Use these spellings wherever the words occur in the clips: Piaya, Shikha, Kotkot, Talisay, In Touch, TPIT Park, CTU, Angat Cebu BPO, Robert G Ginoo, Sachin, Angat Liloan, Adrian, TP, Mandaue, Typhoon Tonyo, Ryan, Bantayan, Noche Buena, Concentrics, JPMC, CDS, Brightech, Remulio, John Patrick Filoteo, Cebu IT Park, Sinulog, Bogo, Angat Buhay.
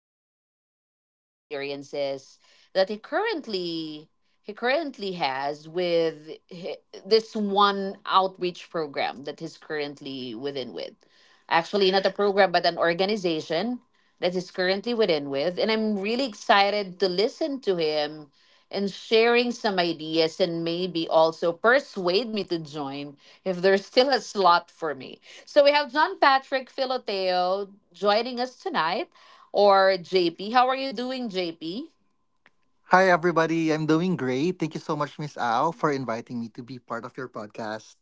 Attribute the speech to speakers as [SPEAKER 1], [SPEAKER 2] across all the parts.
[SPEAKER 1] feedback and experiences that he currently has with this one outreach program that he's currently within with. Actually, not a program, but an organization that he's currently within with. And I'm really excited to listen to him and sharing some ideas, and maybe also persuade me to join if there's still a slot for me. So we have John Patrick Filoteo joining us tonight, or JP. How are you doing, JP?
[SPEAKER 2] Hi, everybody. I'm doing great. Thank you so much, Miss Ao, for inviting me to be part of your podcast.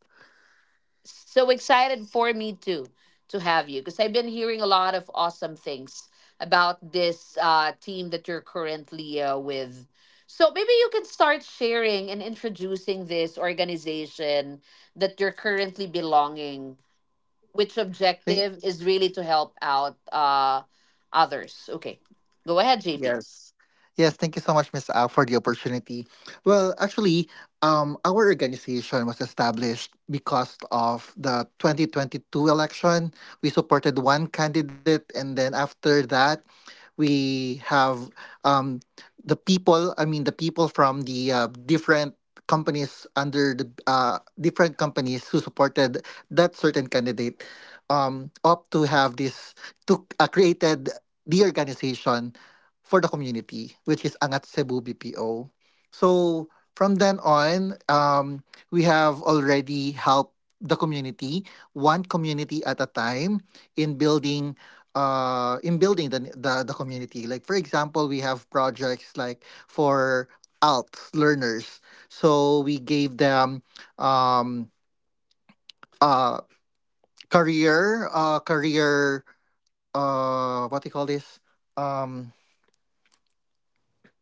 [SPEAKER 1] So excited for me too to have you, because I've been hearing a lot of awesome things about this team that you're currently with. So maybe you can start sharing and introducing this organization that you're currently belonging, which objective is really to help out others. Okay, go ahead, JP.
[SPEAKER 2] Yes. Yes, thank you so much, Miss Al, for the opportunity. Well, our organization was established because of the 2022 election. We supported one candidate, and then after that, we have um, the people, I mean, the people from the different companies under the different companies who supported that certain candidate opt to have this, to created the organization for the community, which is Angat Cebu BPO. So from then on, we have already helped the community, one community at a time, in building the community, like for example we have projects like for alt learners. So we gave them um uh career what do you call this, um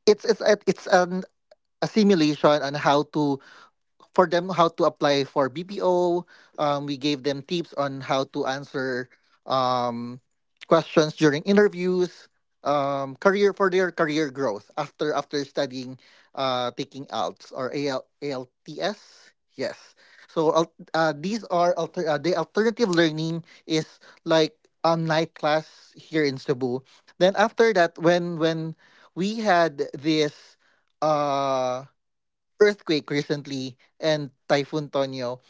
[SPEAKER 2] it's it's an a simulation on how to, for them, how to apply for BPO. We gave them tips on how to answer um, questions during interviews. Career for their career growth after studying, taking ALTS or ALTS. Yes. So the alternative learning is like a night class here in Cebu. Then after that, when we had this, uh, earthquake recently and Typhoon Tonyo,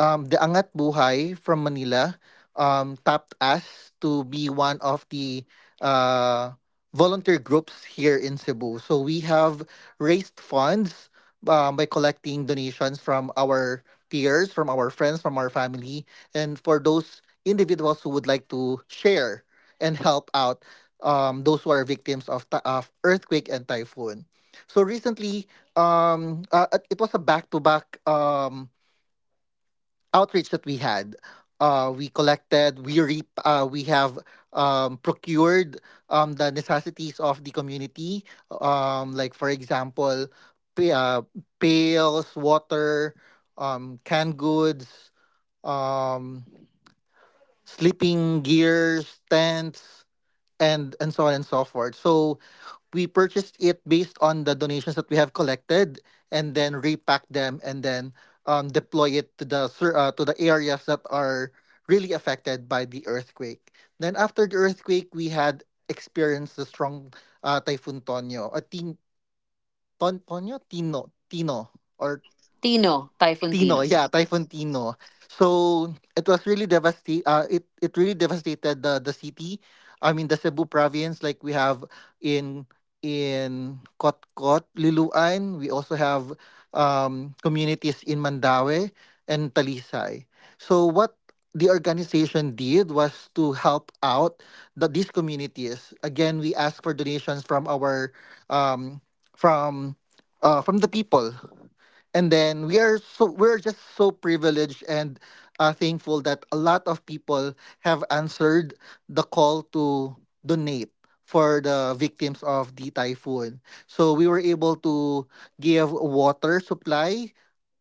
[SPEAKER 2] the Angat Buhay from Manila tapped us to be one of the uh, volunteer groups here in Cebu. So we have raised funds by collecting donations from our peers, from our friends, from our family, and for those individuals who would like to share and help out those who are victims of, of earthquake and typhoon. So recently, it was a back-to-back outreach that we had. We collected, we re, we have procured the necessities of the community. Like for example, pa- uh, pails, water, canned goods, um, sleeping gears, tents, and so on and so forth. So we purchased it based on the donations that we have collected and then repack them and then deploy it to the areas that are really affected by the earthquake. Then after the earthquake, we had experienced the strong typhoon Tonyo, a tin ton Tonyo Tino Tino or
[SPEAKER 1] Tino, Typhoon
[SPEAKER 2] Tino,
[SPEAKER 1] Tino.
[SPEAKER 2] yeah, Typhoon Tino. So it was really devastate. It It really devastated the city. I mean the Cebu province, like we have in in Kotkot, Liloan. We also have communities in Mandaue and Talisay. So what the organization did was to help out these communities. Again, we asked for donations from our um, from from the people. And then we are, so we're just so privileged and thankful that a lot of people have answered the call to donate for the victims of the typhoon, so we were able to give water supply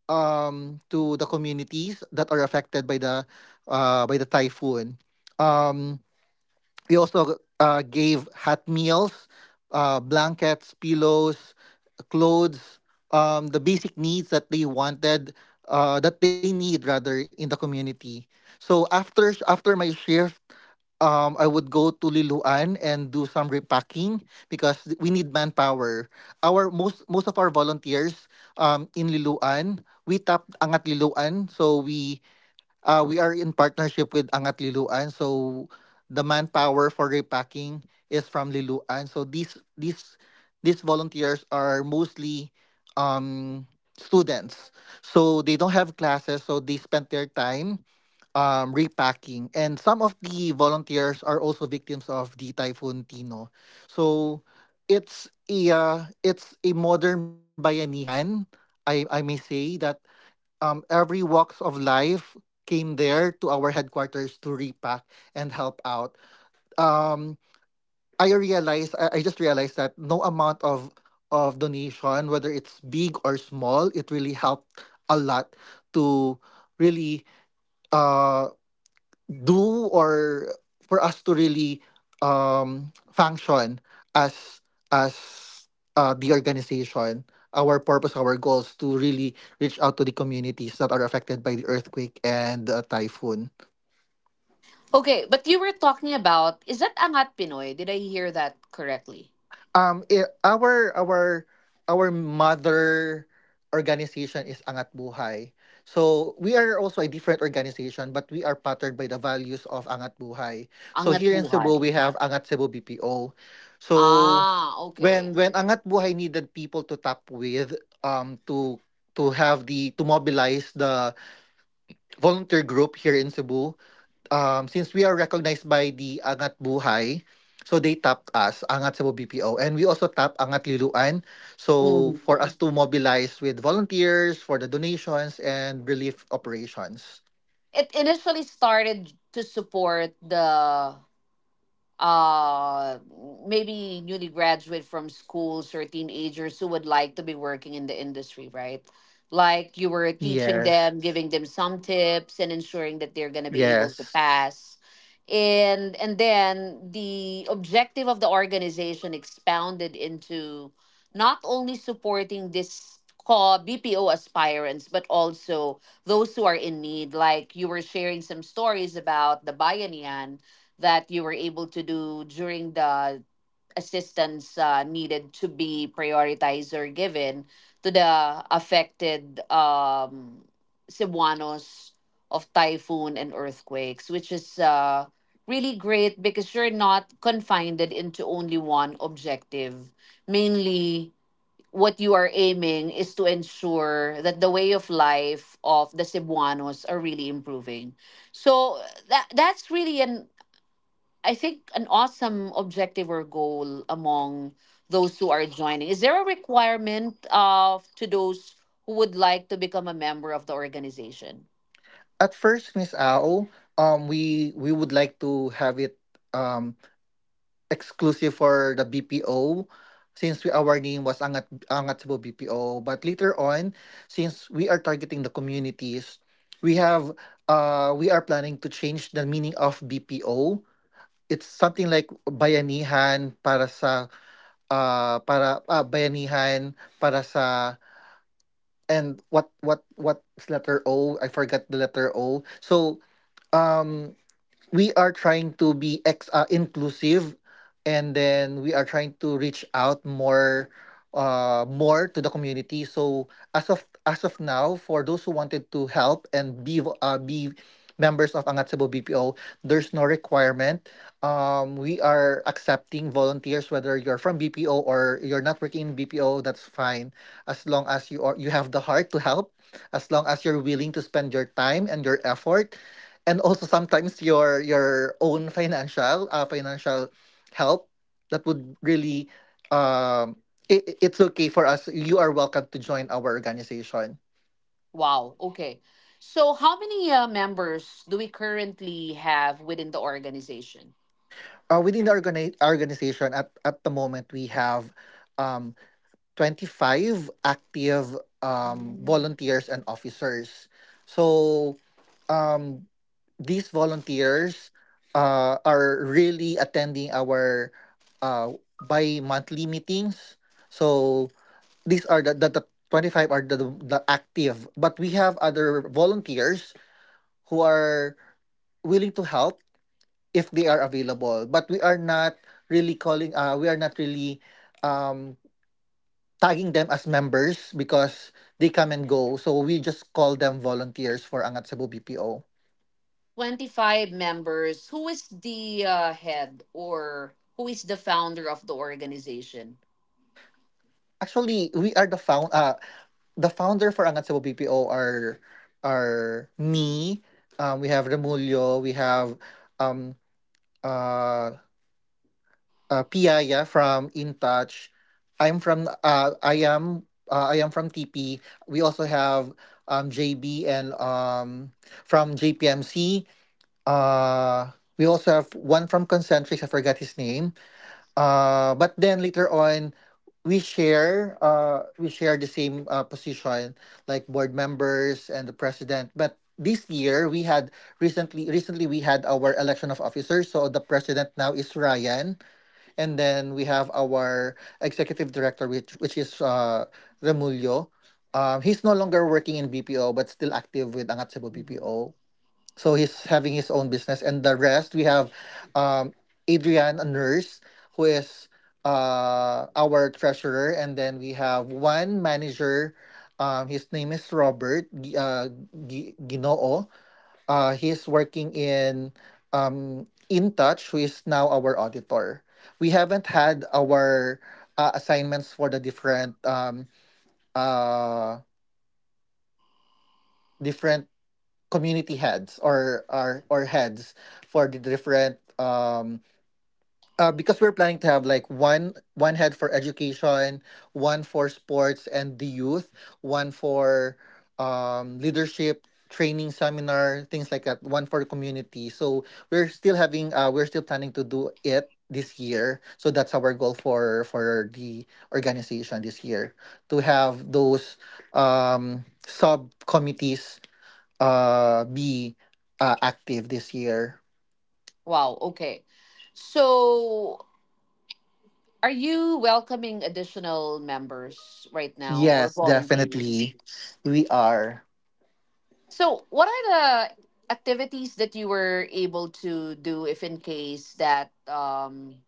[SPEAKER 2] to the communities that are affected by the typhoon. um we also gave hot meals, blankets, pillows, clothes, the basic needs that they wanted, that they need rather, in the community. So after my shift, I would go to Liloan and do some repacking because we need manpower. Our most of our volunteers in Liloan, we tapped Angat Liloan, so we are in partnership with Angat Liloan, so the manpower for repacking is from Liloan. So these volunteers are mostly um, students, so they don't have classes, so they spend their time repacking. And some of the volunteers are also victims of the typhoon Tino, so it's a uh, it's a modern bayanihan. I may say that every walks of life came there to our headquarters to repack and help out. Um, I realized, I just realized that no amount of donation, whether it's big or small, it really helped a lot to really uh do or for us to really function as as the organization, our purpose, our goals, to really reach out to the communities that are affected by the earthquake and typhoon.
[SPEAKER 1] Okay, but you were talking about, is that Angat Pinoy? Did I hear that correctly?
[SPEAKER 2] I our mother organization is Angat Buhay. So we are also a different organization, but we are patterned by the values of Angat Buhay. So
[SPEAKER 1] Angat
[SPEAKER 2] here in Cebu, we
[SPEAKER 1] Buhay.
[SPEAKER 2] have Angat Cebu BPO. So
[SPEAKER 1] Ah,
[SPEAKER 2] when
[SPEAKER 1] okay.
[SPEAKER 2] when Angat Buhay needed people to tap with, to have the, to mobilize the volunteer group here in Cebu, since we are recognized by the Angat Buhay, so they tapped us, Angat Cebu BPO, and we also tap Angat Liluan. So
[SPEAKER 1] Mhm.
[SPEAKER 2] for us to mobilize with volunteers for the donations and relief operations.
[SPEAKER 1] It initially started to support the uh maybe newly graduate from schools or teenagers who would like to be working in the industry, right? Like you were teaching
[SPEAKER 2] Yes,
[SPEAKER 1] them, giving them some tips and ensuring that they're going to be able to
[SPEAKER 2] yes.
[SPEAKER 1] pass. And then the objective of the organization expounded into not only supporting this call BPO aspirants, but also those who are in need, like you were sharing some stories about the bayanihan that you were able to do during the assistance needed to be prioritized or given to the affected Cebuanos of typhoon and earthquakes, which is really great because you're not confined into only one objective. Mainly, what you are aiming is to ensure that the way of life of the Cebuanos are really improving. So that's really an, I think, an awesome objective or goal among those who are joining. Is there a requirement of to those who would like to become a member of the organization?
[SPEAKER 2] At first, Miss Ao, we would like to have it. um exclusive for the BPO since we, our name was Angat Cebu BPO. But later on, since we are targeting the communities, we have we are planning to change the meaning of BPO. It's something like bayanihan para sa bayanihan para sa, and what letter O? I forgot the letter O. So um we are trying to be ex inclusive, and then we are trying to reach out more to the community. So as of now, for those who wanted to help and be be members of Angat Cebu BPO, there's no requirement. We are accepting volunteers, whether you're from BPO or you're not working in BPO, that's fine. As long as you are you have the heart to help, as long as you're willing to spend your time and your effort, and also sometimes your own financial help, that would really um it, it's okay for us. You are welcome to join our organization.
[SPEAKER 1] Wow. Okay. So how many members do we currently have within the organization?
[SPEAKER 2] Within the organization, at the moment we have um 25 active
[SPEAKER 1] Mm.
[SPEAKER 2] volunteers and officers. So um these volunteers are really attending our uh, bi-monthly meetings. So these are the 25, are the active, but we have other volunteers who are willing to help if they are available. But we are not really we are not really um, tagging them as members because they come and go. So we just call them volunteers for Angat Cebu BPO.
[SPEAKER 1] 25 members. Who is the head or who is the founder of the organization?
[SPEAKER 2] Actually, we are the founder for Angat Cebu BPO are me. We have Remulio. We have um uh, Piaya from In Touch. I'm from I am from TP. We also have JB and from JPMC. Uh, we also have one from Concentrics. I forgot his name. But then later on, we share the same position, like board members and the president. But this year we had recently we had our election of officers. So the president now is Ryan, and then we have our executive director, which is Remulio. He's no longer working in BPO, but still active with Angat Cebu
[SPEAKER 1] Mhm.
[SPEAKER 2] BPO. So he's having his own business. And the rest, we have um, Adrian, a nurse, who is our treasurer. And then we have one manager. His name is Robert Ginoo. He's working in In, who is now our auditor. We haven't had our assignments for the different uh, different community heads or or heads for the different because we're planning to have like one head for education, one for sports and the youth, one for leadership training seminar, things like that, one for community. So we're still having we're still planning to do it this year. So that's our goal for the organization this year, to have those subcommittees be active this year.
[SPEAKER 1] Wow. Okay. So, are you welcoming additional members right now or
[SPEAKER 2] Yes,
[SPEAKER 1] volunteers?
[SPEAKER 2] definitely. We are.
[SPEAKER 1] So, what are the activities that you were able to do if in case that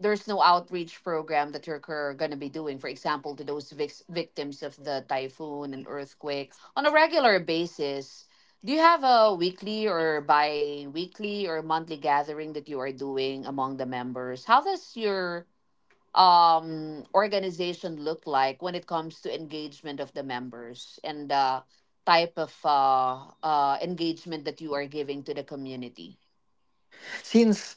[SPEAKER 1] there's no outreach program that you're going to be doing, for example, to those victims of the typhoon and earthquake on a regular basis? Do you have a weekly or bi weekly or monthly gathering that you are doing among the members? How does your organization look like when it comes to engagement of the members and the type of engagement that you are giving to the community?
[SPEAKER 2] Since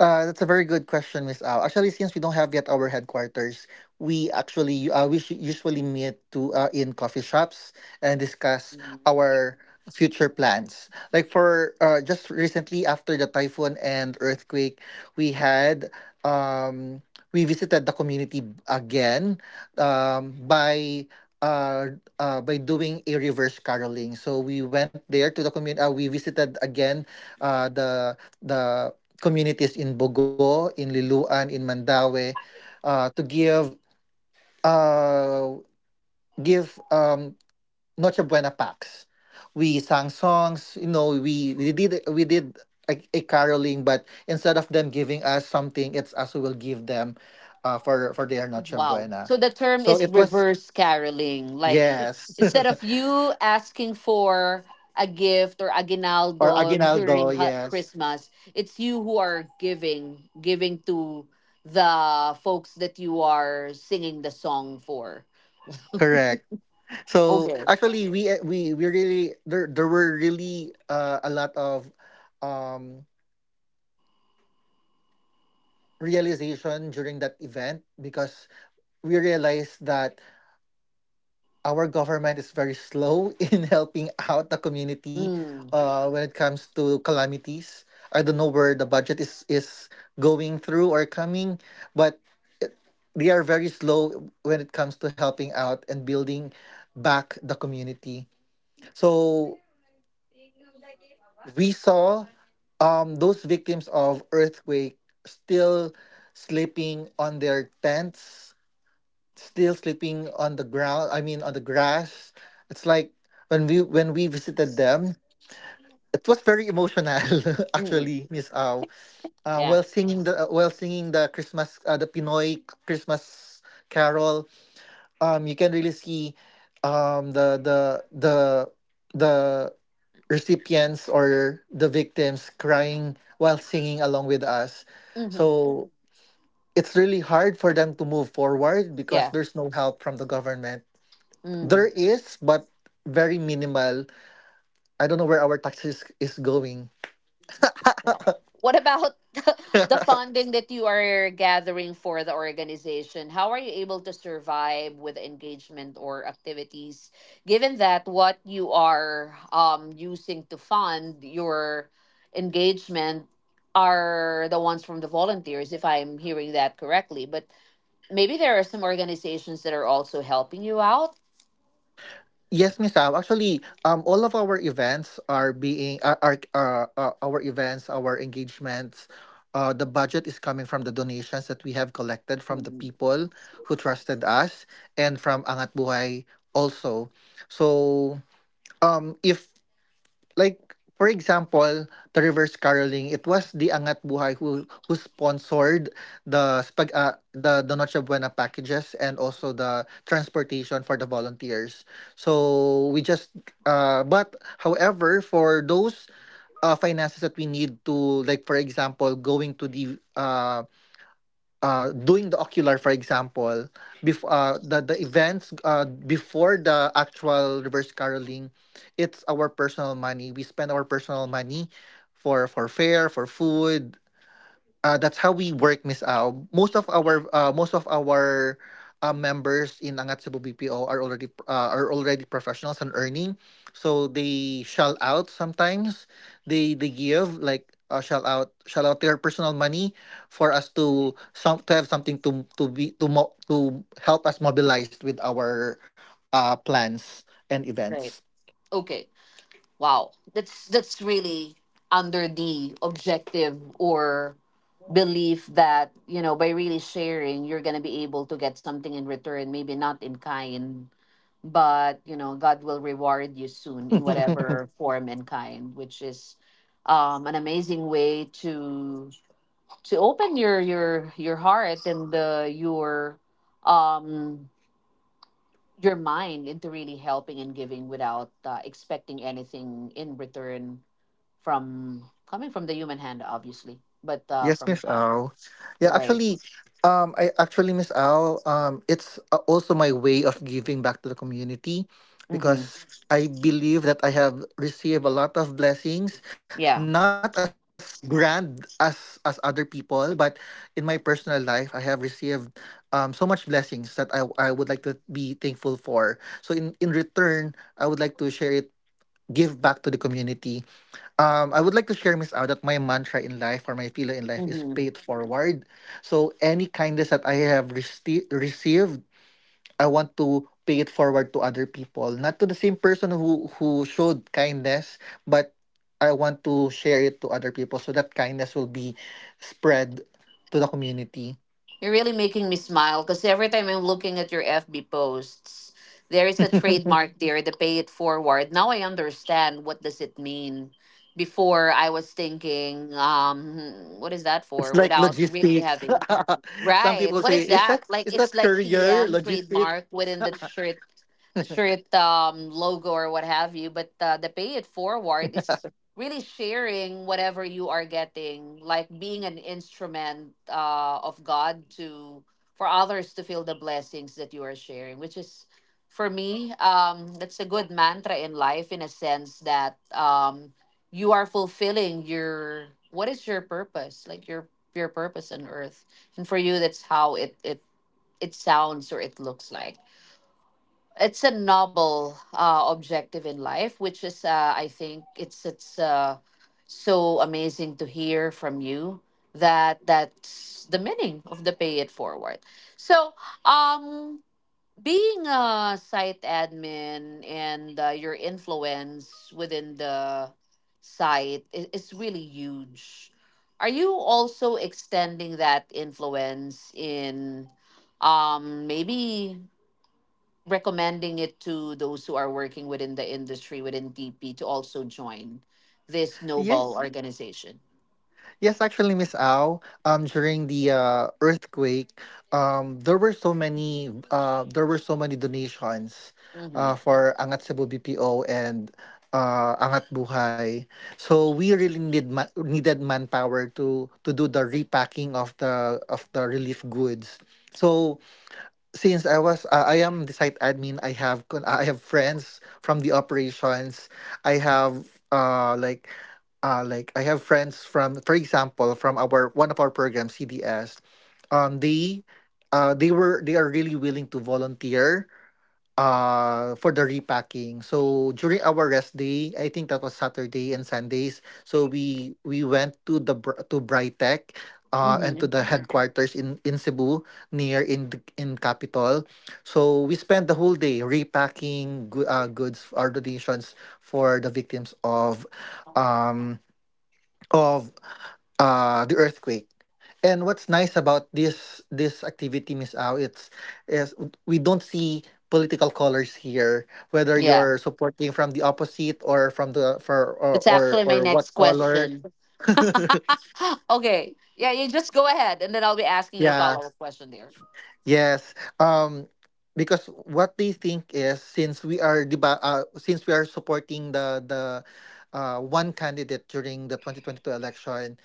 [SPEAKER 2] that's a very good question, Miss Al. Actually, since we don't have yet our headquarters, we actually usually meet to in coffee shops and discuss
[SPEAKER 1] Mhm.
[SPEAKER 2] our future plans. Like for just recently after the typhoon and earthquake, we had um, we visited the community again um, by by doing a reverse caroling. So we went there to the community. We visited again the communities in Bogo, in Liloan, in Mandaue, to give uh, give Noche Buena packs. We sang songs, you know, we did a caroling, but instead of them giving us something, it's us who will give them for their Noche
[SPEAKER 1] Wow,
[SPEAKER 2] Buena.
[SPEAKER 1] so the term
[SPEAKER 2] So
[SPEAKER 1] is
[SPEAKER 2] it was,
[SPEAKER 1] reverse caroling, like
[SPEAKER 2] yes,
[SPEAKER 1] instead of you asking for a gift or
[SPEAKER 2] or
[SPEAKER 1] aguinaldo
[SPEAKER 2] aguinaldo,
[SPEAKER 1] during
[SPEAKER 2] yes,
[SPEAKER 1] Christmas, it's you who are giving giving to the folks that you are singing the song for.
[SPEAKER 2] correct. So
[SPEAKER 1] Okay.
[SPEAKER 2] actually, we really, there were really a lot of um, realization during that event because we realized that our government is very slow in helping out the community when it comes to calamities. I don't know where the budget is going through or coming, but they are very slow when it comes to helping out and building back the community. So we saw those victims of earthquake still sleeping on their tents, still sleeping on the ground. I mean, on the grass. It's like when we visited them, it was very emotional.
[SPEAKER 1] Mm,
[SPEAKER 2] Actually, Miss Au,
[SPEAKER 1] yeah.
[SPEAKER 2] while singing the Christmas the Pinoy Christmas carol, you can really see um, the the the the recipients or the victims crying while singing along with us.
[SPEAKER 1] Hmm.
[SPEAKER 2] So it's really hard for them to move forward because
[SPEAKER 1] Yeah.
[SPEAKER 2] there's no help from the government. There
[SPEAKER 1] Mm.
[SPEAKER 2] is, but very minimal. I don't know where our taxes is going.
[SPEAKER 1] Wow. What about the funding that you are gathering for the organization? How are you able to survive with engagement or activities, given that what you are using to fund your engagement are the ones from the volunteers, if I'm hearing that correctly? But maybe there are some organizations that are also helping you out.
[SPEAKER 2] Yes, Miss Al. Actually, all of our events are being are our events, our engagements. The budget is coming from the donations that we have collected from the
[SPEAKER 1] Mm,
[SPEAKER 2] people who trusted us and from Angat Buhay also. So, if like for example, the reverse caroling, it was the Angat Buhay who sponsored the Noche Buena packages and also the transportation for the volunteers. So we just but however for those finances that we need to like for example going to the doing the ocular, for example, before the events before the actual reverse caroling, it's our personal money. We spend our personal money for fare, for food, that's how we work, Miss Ao. Most of our members in Angat Cebu BPO are already professionals and earning, so they shell out sometimes. They give like shell out their personal money for us to some to have something to to help us mobilize with our plans and events.
[SPEAKER 1] right. Okay. Wow, that's really under the objective or belief that, you know, by really sharing you're gonna be able to get something in return. Maybe not in kind, but you know God will reward you soon in whatever form and kind, which is an amazing way to open your your heart and um your mind into really helping and giving without expecting anything in return from coming from the human hand, obviously, but
[SPEAKER 2] Yes,
[SPEAKER 1] from
[SPEAKER 2] Miss
[SPEAKER 1] God,
[SPEAKER 2] Al. Yeah,
[SPEAKER 1] right?
[SPEAKER 2] actually, Miss Al, it's also my way of giving back to the community
[SPEAKER 1] Mm-hmm.
[SPEAKER 2] because I believe that I have received a lot of blessings, not
[SPEAKER 1] Yeah.
[SPEAKER 2] as grand as other people, but in my personal life, I have received so much blessings that I would like to be thankful for. So in return, I would like to share it, give back to the community. I would like to share, Miss Au, that my mantra in life or my pillar in life is
[SPEAKER 1] Mm-hmm.
[SPEAKER 2] pay it forward. So any kindness that I have received, I want to pay it forward to other people, not to the same person who showed kindness, but I want to share it to other people so that kindness will be spread to the community.
[SPEAKER 1] You're really making me smile because every time I'm looking at your FB posts, there is a trademark there, the pay it forward. Now I understand what does it mean. Before I was thinking, what is that
[SPEAKER 2] It's
[SPEAKER 1] for?
[SPEAKER 2] like
[SPEAKER 1] Without really
[SPEAKER 2] logistics.
[SPEAKER 1] having,
[SPEAKER 2] Some
[SPEAKER 1] right?
[SPEAKER 2] people
[SPEAKER 1] What
[SPEAKER 2] say,
[SPEAKER 1] is that?
[SPEAKER 2] Is
[SPEAKER 1] Like, it's
[SPEAKER 2] that
[SPEAKER 1] like
[SPEAKER 2] career
[SPEAKER 1] TM
[SPEAKER 2] logistics?"
[SPEAKER 1] trademark within the shirt, logo or what have you, but the pay it forward is really sharing whatever you are getting, like being an instrument of God to for others to feel the blessings that you are sharing, which is for me, that's a good mantra in life in a sense that you are fulfilling your, what is your purpose? Like your purpose on earth, and for you that's how it it sounds or it looks like. It's a noble objective in life, which is I think it's so amazing to hear from you that that's the meaning of the pay it forward. So, um being a site admin and your influence within the site is really huge. Are you also extending that influence in, maybe recommending it to those who are working within the industry, within TP, to also join this noble
[SPEAKER 2] Yes.
[SPEAKER 1] organization?
[SPEAKER 2] Yes, actually, Miss Au, during the earthquake, there were so many donations,
[SPEAKER 1] Mm-hmm.
[SPEAKER 2] for Angat Cebu BPO and Angat Buhay. So we really needed manpower to do the repacking of the relief goods. So since I am the site admin, I have I have friends from the operations. I have uh like I have friends from for example from our one of our programs CDS. Um they they are really willing to volunteer for the repacking. So during our rest day, I think that was Saturday and Sundays. So we went to to Brightech and to
[SPEAKER 1] Mm-hmm.
[SPEAKER 2] the headquarters in Cebu near in in Capitol. So we spent the whole day repacking goods or donations for the victims of um of the earthquake. And what's nice about this activity, Miss Au, it's is we don't see political colors here, whether
[SPEAKER 1] Yeah,
[SPEAKER 2] you're supporting from the opposite or from the for
[SPEAKER 1] that's actually my
[SPEAKER 2] or what
[SPEAKER 1] next
[SPEAKER 2] color.
[SPEAKER 1] question. Okay. Yeah, you just go ahead, and then I'll be asking a
[SPEAKER 2] Yeah.
[SPEAKER 1] follow up question there.
[SPEAKER 2] Yes. Um because what they think is since we are since we are supporting the one candidate during the 2022 election,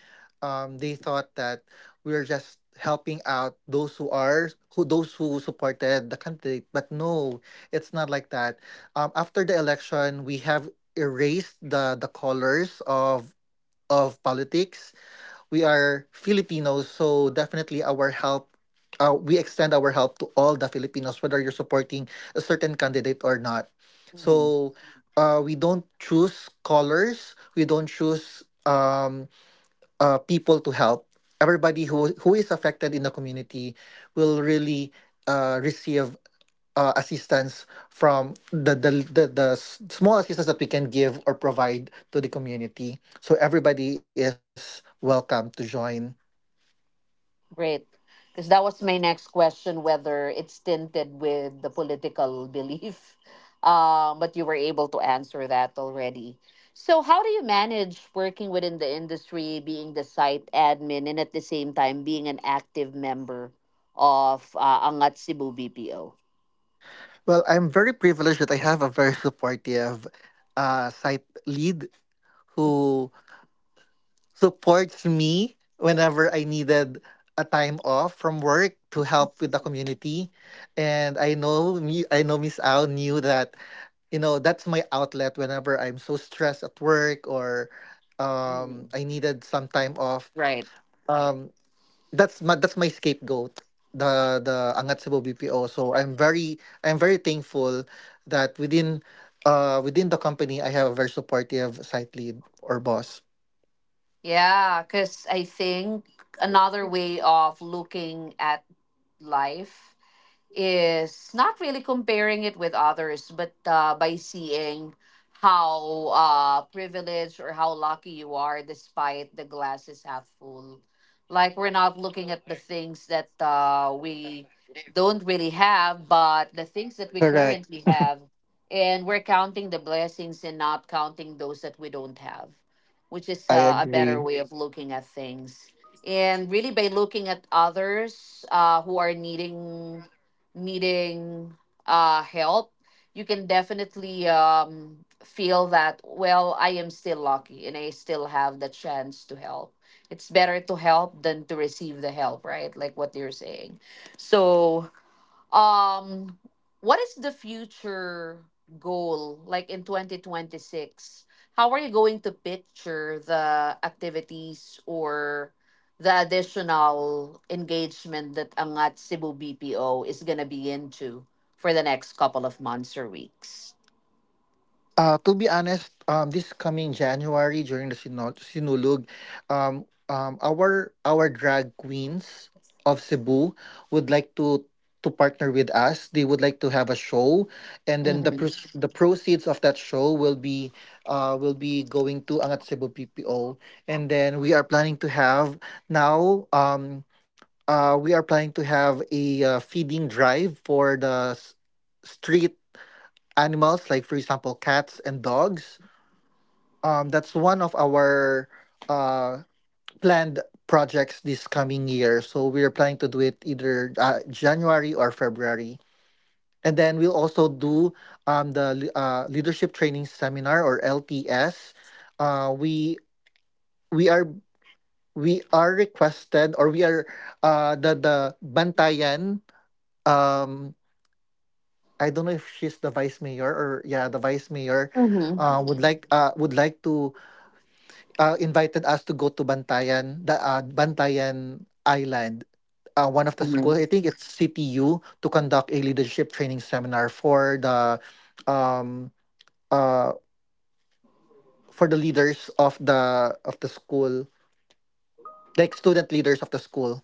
[SPEAKER 2] they thought that we are just helping out those who are who those who supported the candidate. But no, it's not like that. After the election, we have erased the colors of politics. We are Filipinos, so definitely our help, we extend our help to all the Filipinos, whether you're supporting a certain candidate or not.
[SPEAKER 1] Hmm.
[SPEAKER 2] So we don't choose colors, we don't choose people to help. Everybody who is affected in the community will really receive assistance from the s- small assistance that we can give or provide to the community. So everybody is welcome to join.
[SPEAKER 1] Great. Because that was my next question whether it's tinted with the political belief. But you were able to answer that already. So, how do you manage working within the industry, being the site admin, and at the same time being an active member of Angat Cebu BPO?
[SPEAKER 2] Well, I'm very privileged that I have a very supportive site lead who supports me whenever I needed a time off from work to help with the community. And I know Miss Al knew that you know that's my outlet whenever I'm so stressed at work or
[SPEAKER 1] Mhm.
[SPEAKER 2] I needed some time off.
[SPEAKER 1] Right.
[SPEAKER 2] Um, that's my scapegoat, the Angat Cebu BPO. So I'm very thankful that within the company I have a very supportive site lead or boss.
[SPEAKER 1] Yeah, because I think another way of looking at life is not really comparing it with others, but by seeing how privileged or how lucky you are, despite the glass is half full. Like we're not looking at the things that we don't really have, but the things that we
[SPEAKER 2] Correct.
[SPEAKER 1] currently have. And we're counting the blessings and not counting those that we don't have, which is
[SPEAKER 2] I
[SPEAKER 1] a better
[SPEAKER 2] agree.
[SPEAKER 1] way of looking at things. And really, by looking at others who are needing help, you can definitely feel that, well, I am still lucky and I still have the chance to help. It's better to help than to receive the help, right? Like what you're saying. So, um, what is the future goal like in 2026? How are you going to picture the activities or the additional engagement that Angat Cebu BPO is going to be into for the next couple of months or weeks?
[SPEAKER 2] To be honest, this coming January during the Sinulog, our drag queens of Cebu would like to partner with us. They would like to have a show, and then the
[SPEAKER 1] Mm-hmm.
[SPEAKER 2] the proceeds of that show will be going to Angat Cebu PPO, and then we are planning to have now. We are planning to have a feeding drive for the s- street animals, like for example cats and dogs. That's one of our uh planned projects this coming year, so we're planning to do it either January or February. And then we'll also do the leadership training seminar or LTS. uh we we are we are requested or we are the Bantayan um I don't know if she's the vice mayor or, yeah, the vice mayor
[SPEAKER 1] Mm-hmm.
[SPEAKER 2] would like to invited us to go to Bantayan, the Bantayan Island. One of the school, I
[SPEAKER 1] Mm-hmm.
[SPEAKER 2] think it's CTU, to conduct a leadership training seminar um uh for the leaders of the school, like student leaders of the school.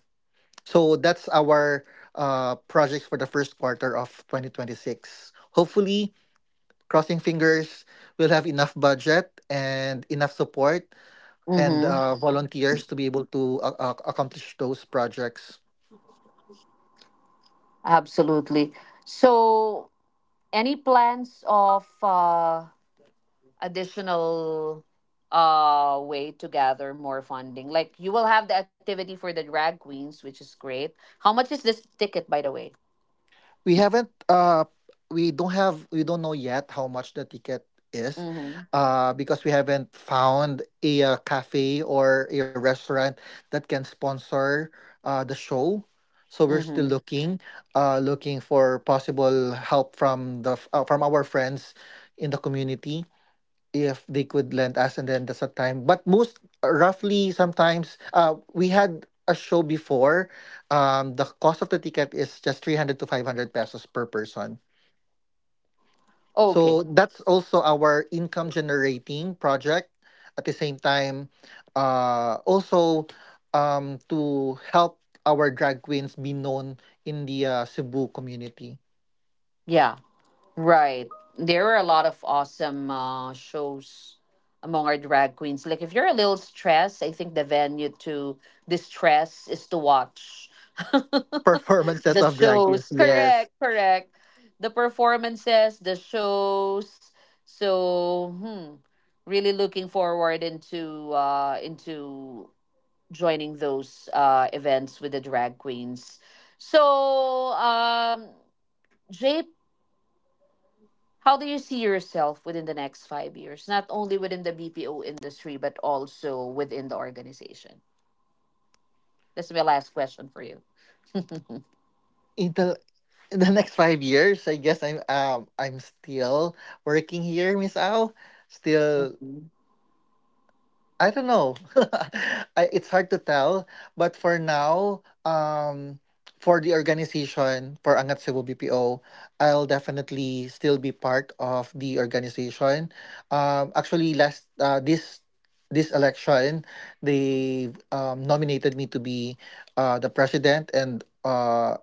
[SPEAKER 2] So that's our projects for the first quarter of 2026. Hopefully, crossing fingers, we'll have enough budget and enough support and
[SPEAKER 1] Mm-hmm.
[SPEAKER 2] volunteers to be able to accomplish those projects.
[SPEAKER 1] Absolutely. So, any plans of additional way to gather more funding? Like, you will have the activity for the drag queens, which is great. How much is this ticket, by the way?
[SPEAKER 2] We haven't we don't have we don't know yet how much the ticket is
[SPEAKER 1] Mm-hmm.
[SPEAKER 2] because we haven't found a, cafe or a restaurant that can sponsor the show. So we're still
[SPEAKER 1] Mm-hmm.
[SPEAKER 2] looking, looking for possible help from from our friends in the community if they could lend us. And then that's a time, but most roughly sometimes we had a show before. The cost of the ticket is just 300 to 500 pesos per person.
[SPEAKER 1] Okay.
[SPEAKER 2] So that's also our income generating project at the same time, also to help our drag queens be known in the Cebu community.
[SPEAKER 1] Yeah. Right. There are a lot of awesome shows among our drag queens. Like, if you're a little stressed, I think the venue to distress is to watch
[SPEAKER 2] Performances
[SPEAKER 1] the
[SPEAKER 2] of drag queens,
[SPEAKER 1] shows.
[SPEAKER 2] yes.
[SPEAKER 1] Correct, correct. The performances, the shows. So, hmm, really looking forward into joining those events with the drag queens. So, J, how do you see yourself within the next 5 years, not only within the BPO industry, but also within the organization? That's my last question for you.
[SPEAKER 2] Intel, in the next 5 years, I guess I'm still working here, Miss Al. Still,
[SPEAKER 1] Mhm.
[SPEAKER 2] I don't know. I, it's hard to tell, but for now, for the organization for Angat Cebu BPO, I'll definitely still be part of the organization. Actually, last this this election, they nominated me to be the president and.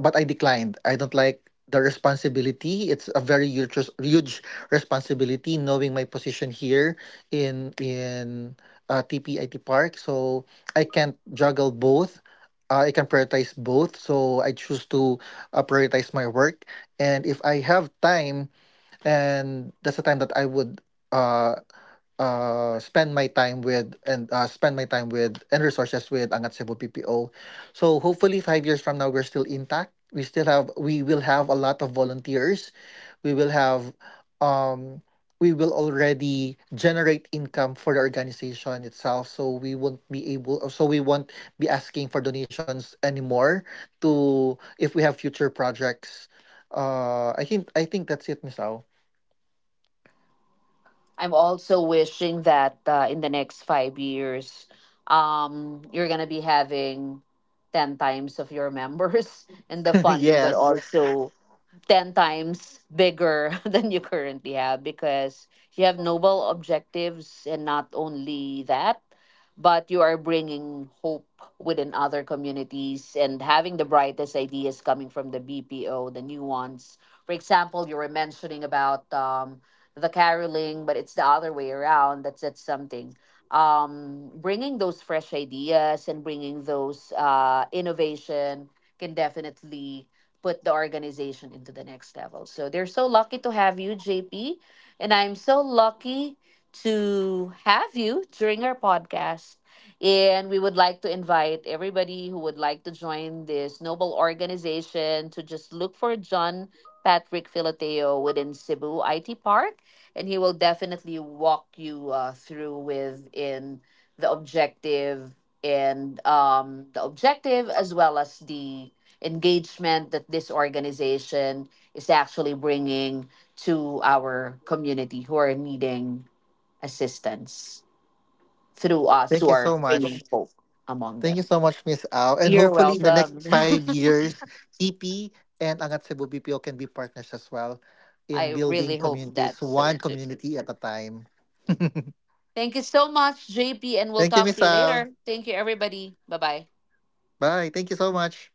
[SPEAKER 2] But I declined. I don't like the responsibility. It's a very huge, huge responsibility, knowing my position here in TPIT Park. So I can't juggle both. I can prioritize both. So I choose to prioritize my work. And if I have time, and that's the time that I would uh spend my time with and resources with Angat Cebu PPO. So hopefully 5 years from now we're still intact. We will have a lot of volunteers. We will have um we will already generate income for the organization itself. So we won't be asking for donations anymore to if we have future projects. I think that's it, Miss Au.
[SPEAKER 1] I'm also wishing that in the next 5 years, you're gonna be having ten times of your members, and the funding would
[SPEAKER 2] Yes.
[SPEAKER 1] also 10 times bigger than you currently have, because you have noble objectives. And not only that, but you are bringing hope within other communities and having the brightest ideas coming from the BPO, the new ones. For example, you were mentioning about, the caroling, but it's the other way around. That's something. Bringing those fresh ideas and bringing those innovation can definitely put the organization into the next level. So they're so lucky to have you, JP. And I'm so lucky to have you during our podcast. And we would like to invite everybody who would like to join this noble organization to just look for John Patrick Filateo within Cebu IT Park. And he will definitely walk you through within the objective and, the objective as well as the engagement that this organization is actually bringing to our community who are needing assistance through us
[SPEAKER 2] Thank
[SPEAKER 1] who
[SPEAKER 2] you
[SPEAKER 1] are
[SPEAKER 2] so
[SPEAKER 1] bringing
[SPEAKER 2] much.
[SPEAKER 1] hope among
[SPEAKER 2] Thank you
[SPEAKER 1] them.
[SPEAKER 2] so much, Miss Al. And
[SPEAKER 1] You're
[SPEAKER 2] hopefully in the next
[SPEAKER 1] welcome.
[SPEAKER 2] 5 years, TP and Angat Cebu BPO can be partners as well in
[SPEAKER 1] I
[SPEAKER 2] building
[SPEAKER 1] really hope
[SPEAKER 2] communities,
[SPEAKER 1] that's so
[SPEAKER 2] one
[SPEAKER 1] too.
[SPEAKER 2] community at a time. Thank
[SPEAKER 1] Thank you so much, JP, and we'll
[SPEAKER 2] you,
[SPEAKER 1] talk
[SPEAKER 2] Miss
[SPEAKER 1] to you
[SPEAKER 2] Al.
[SPEAKER 1] later. Thank you, everybody. Bye bye.
[SPEAKER 2] Bye. Thank you so much.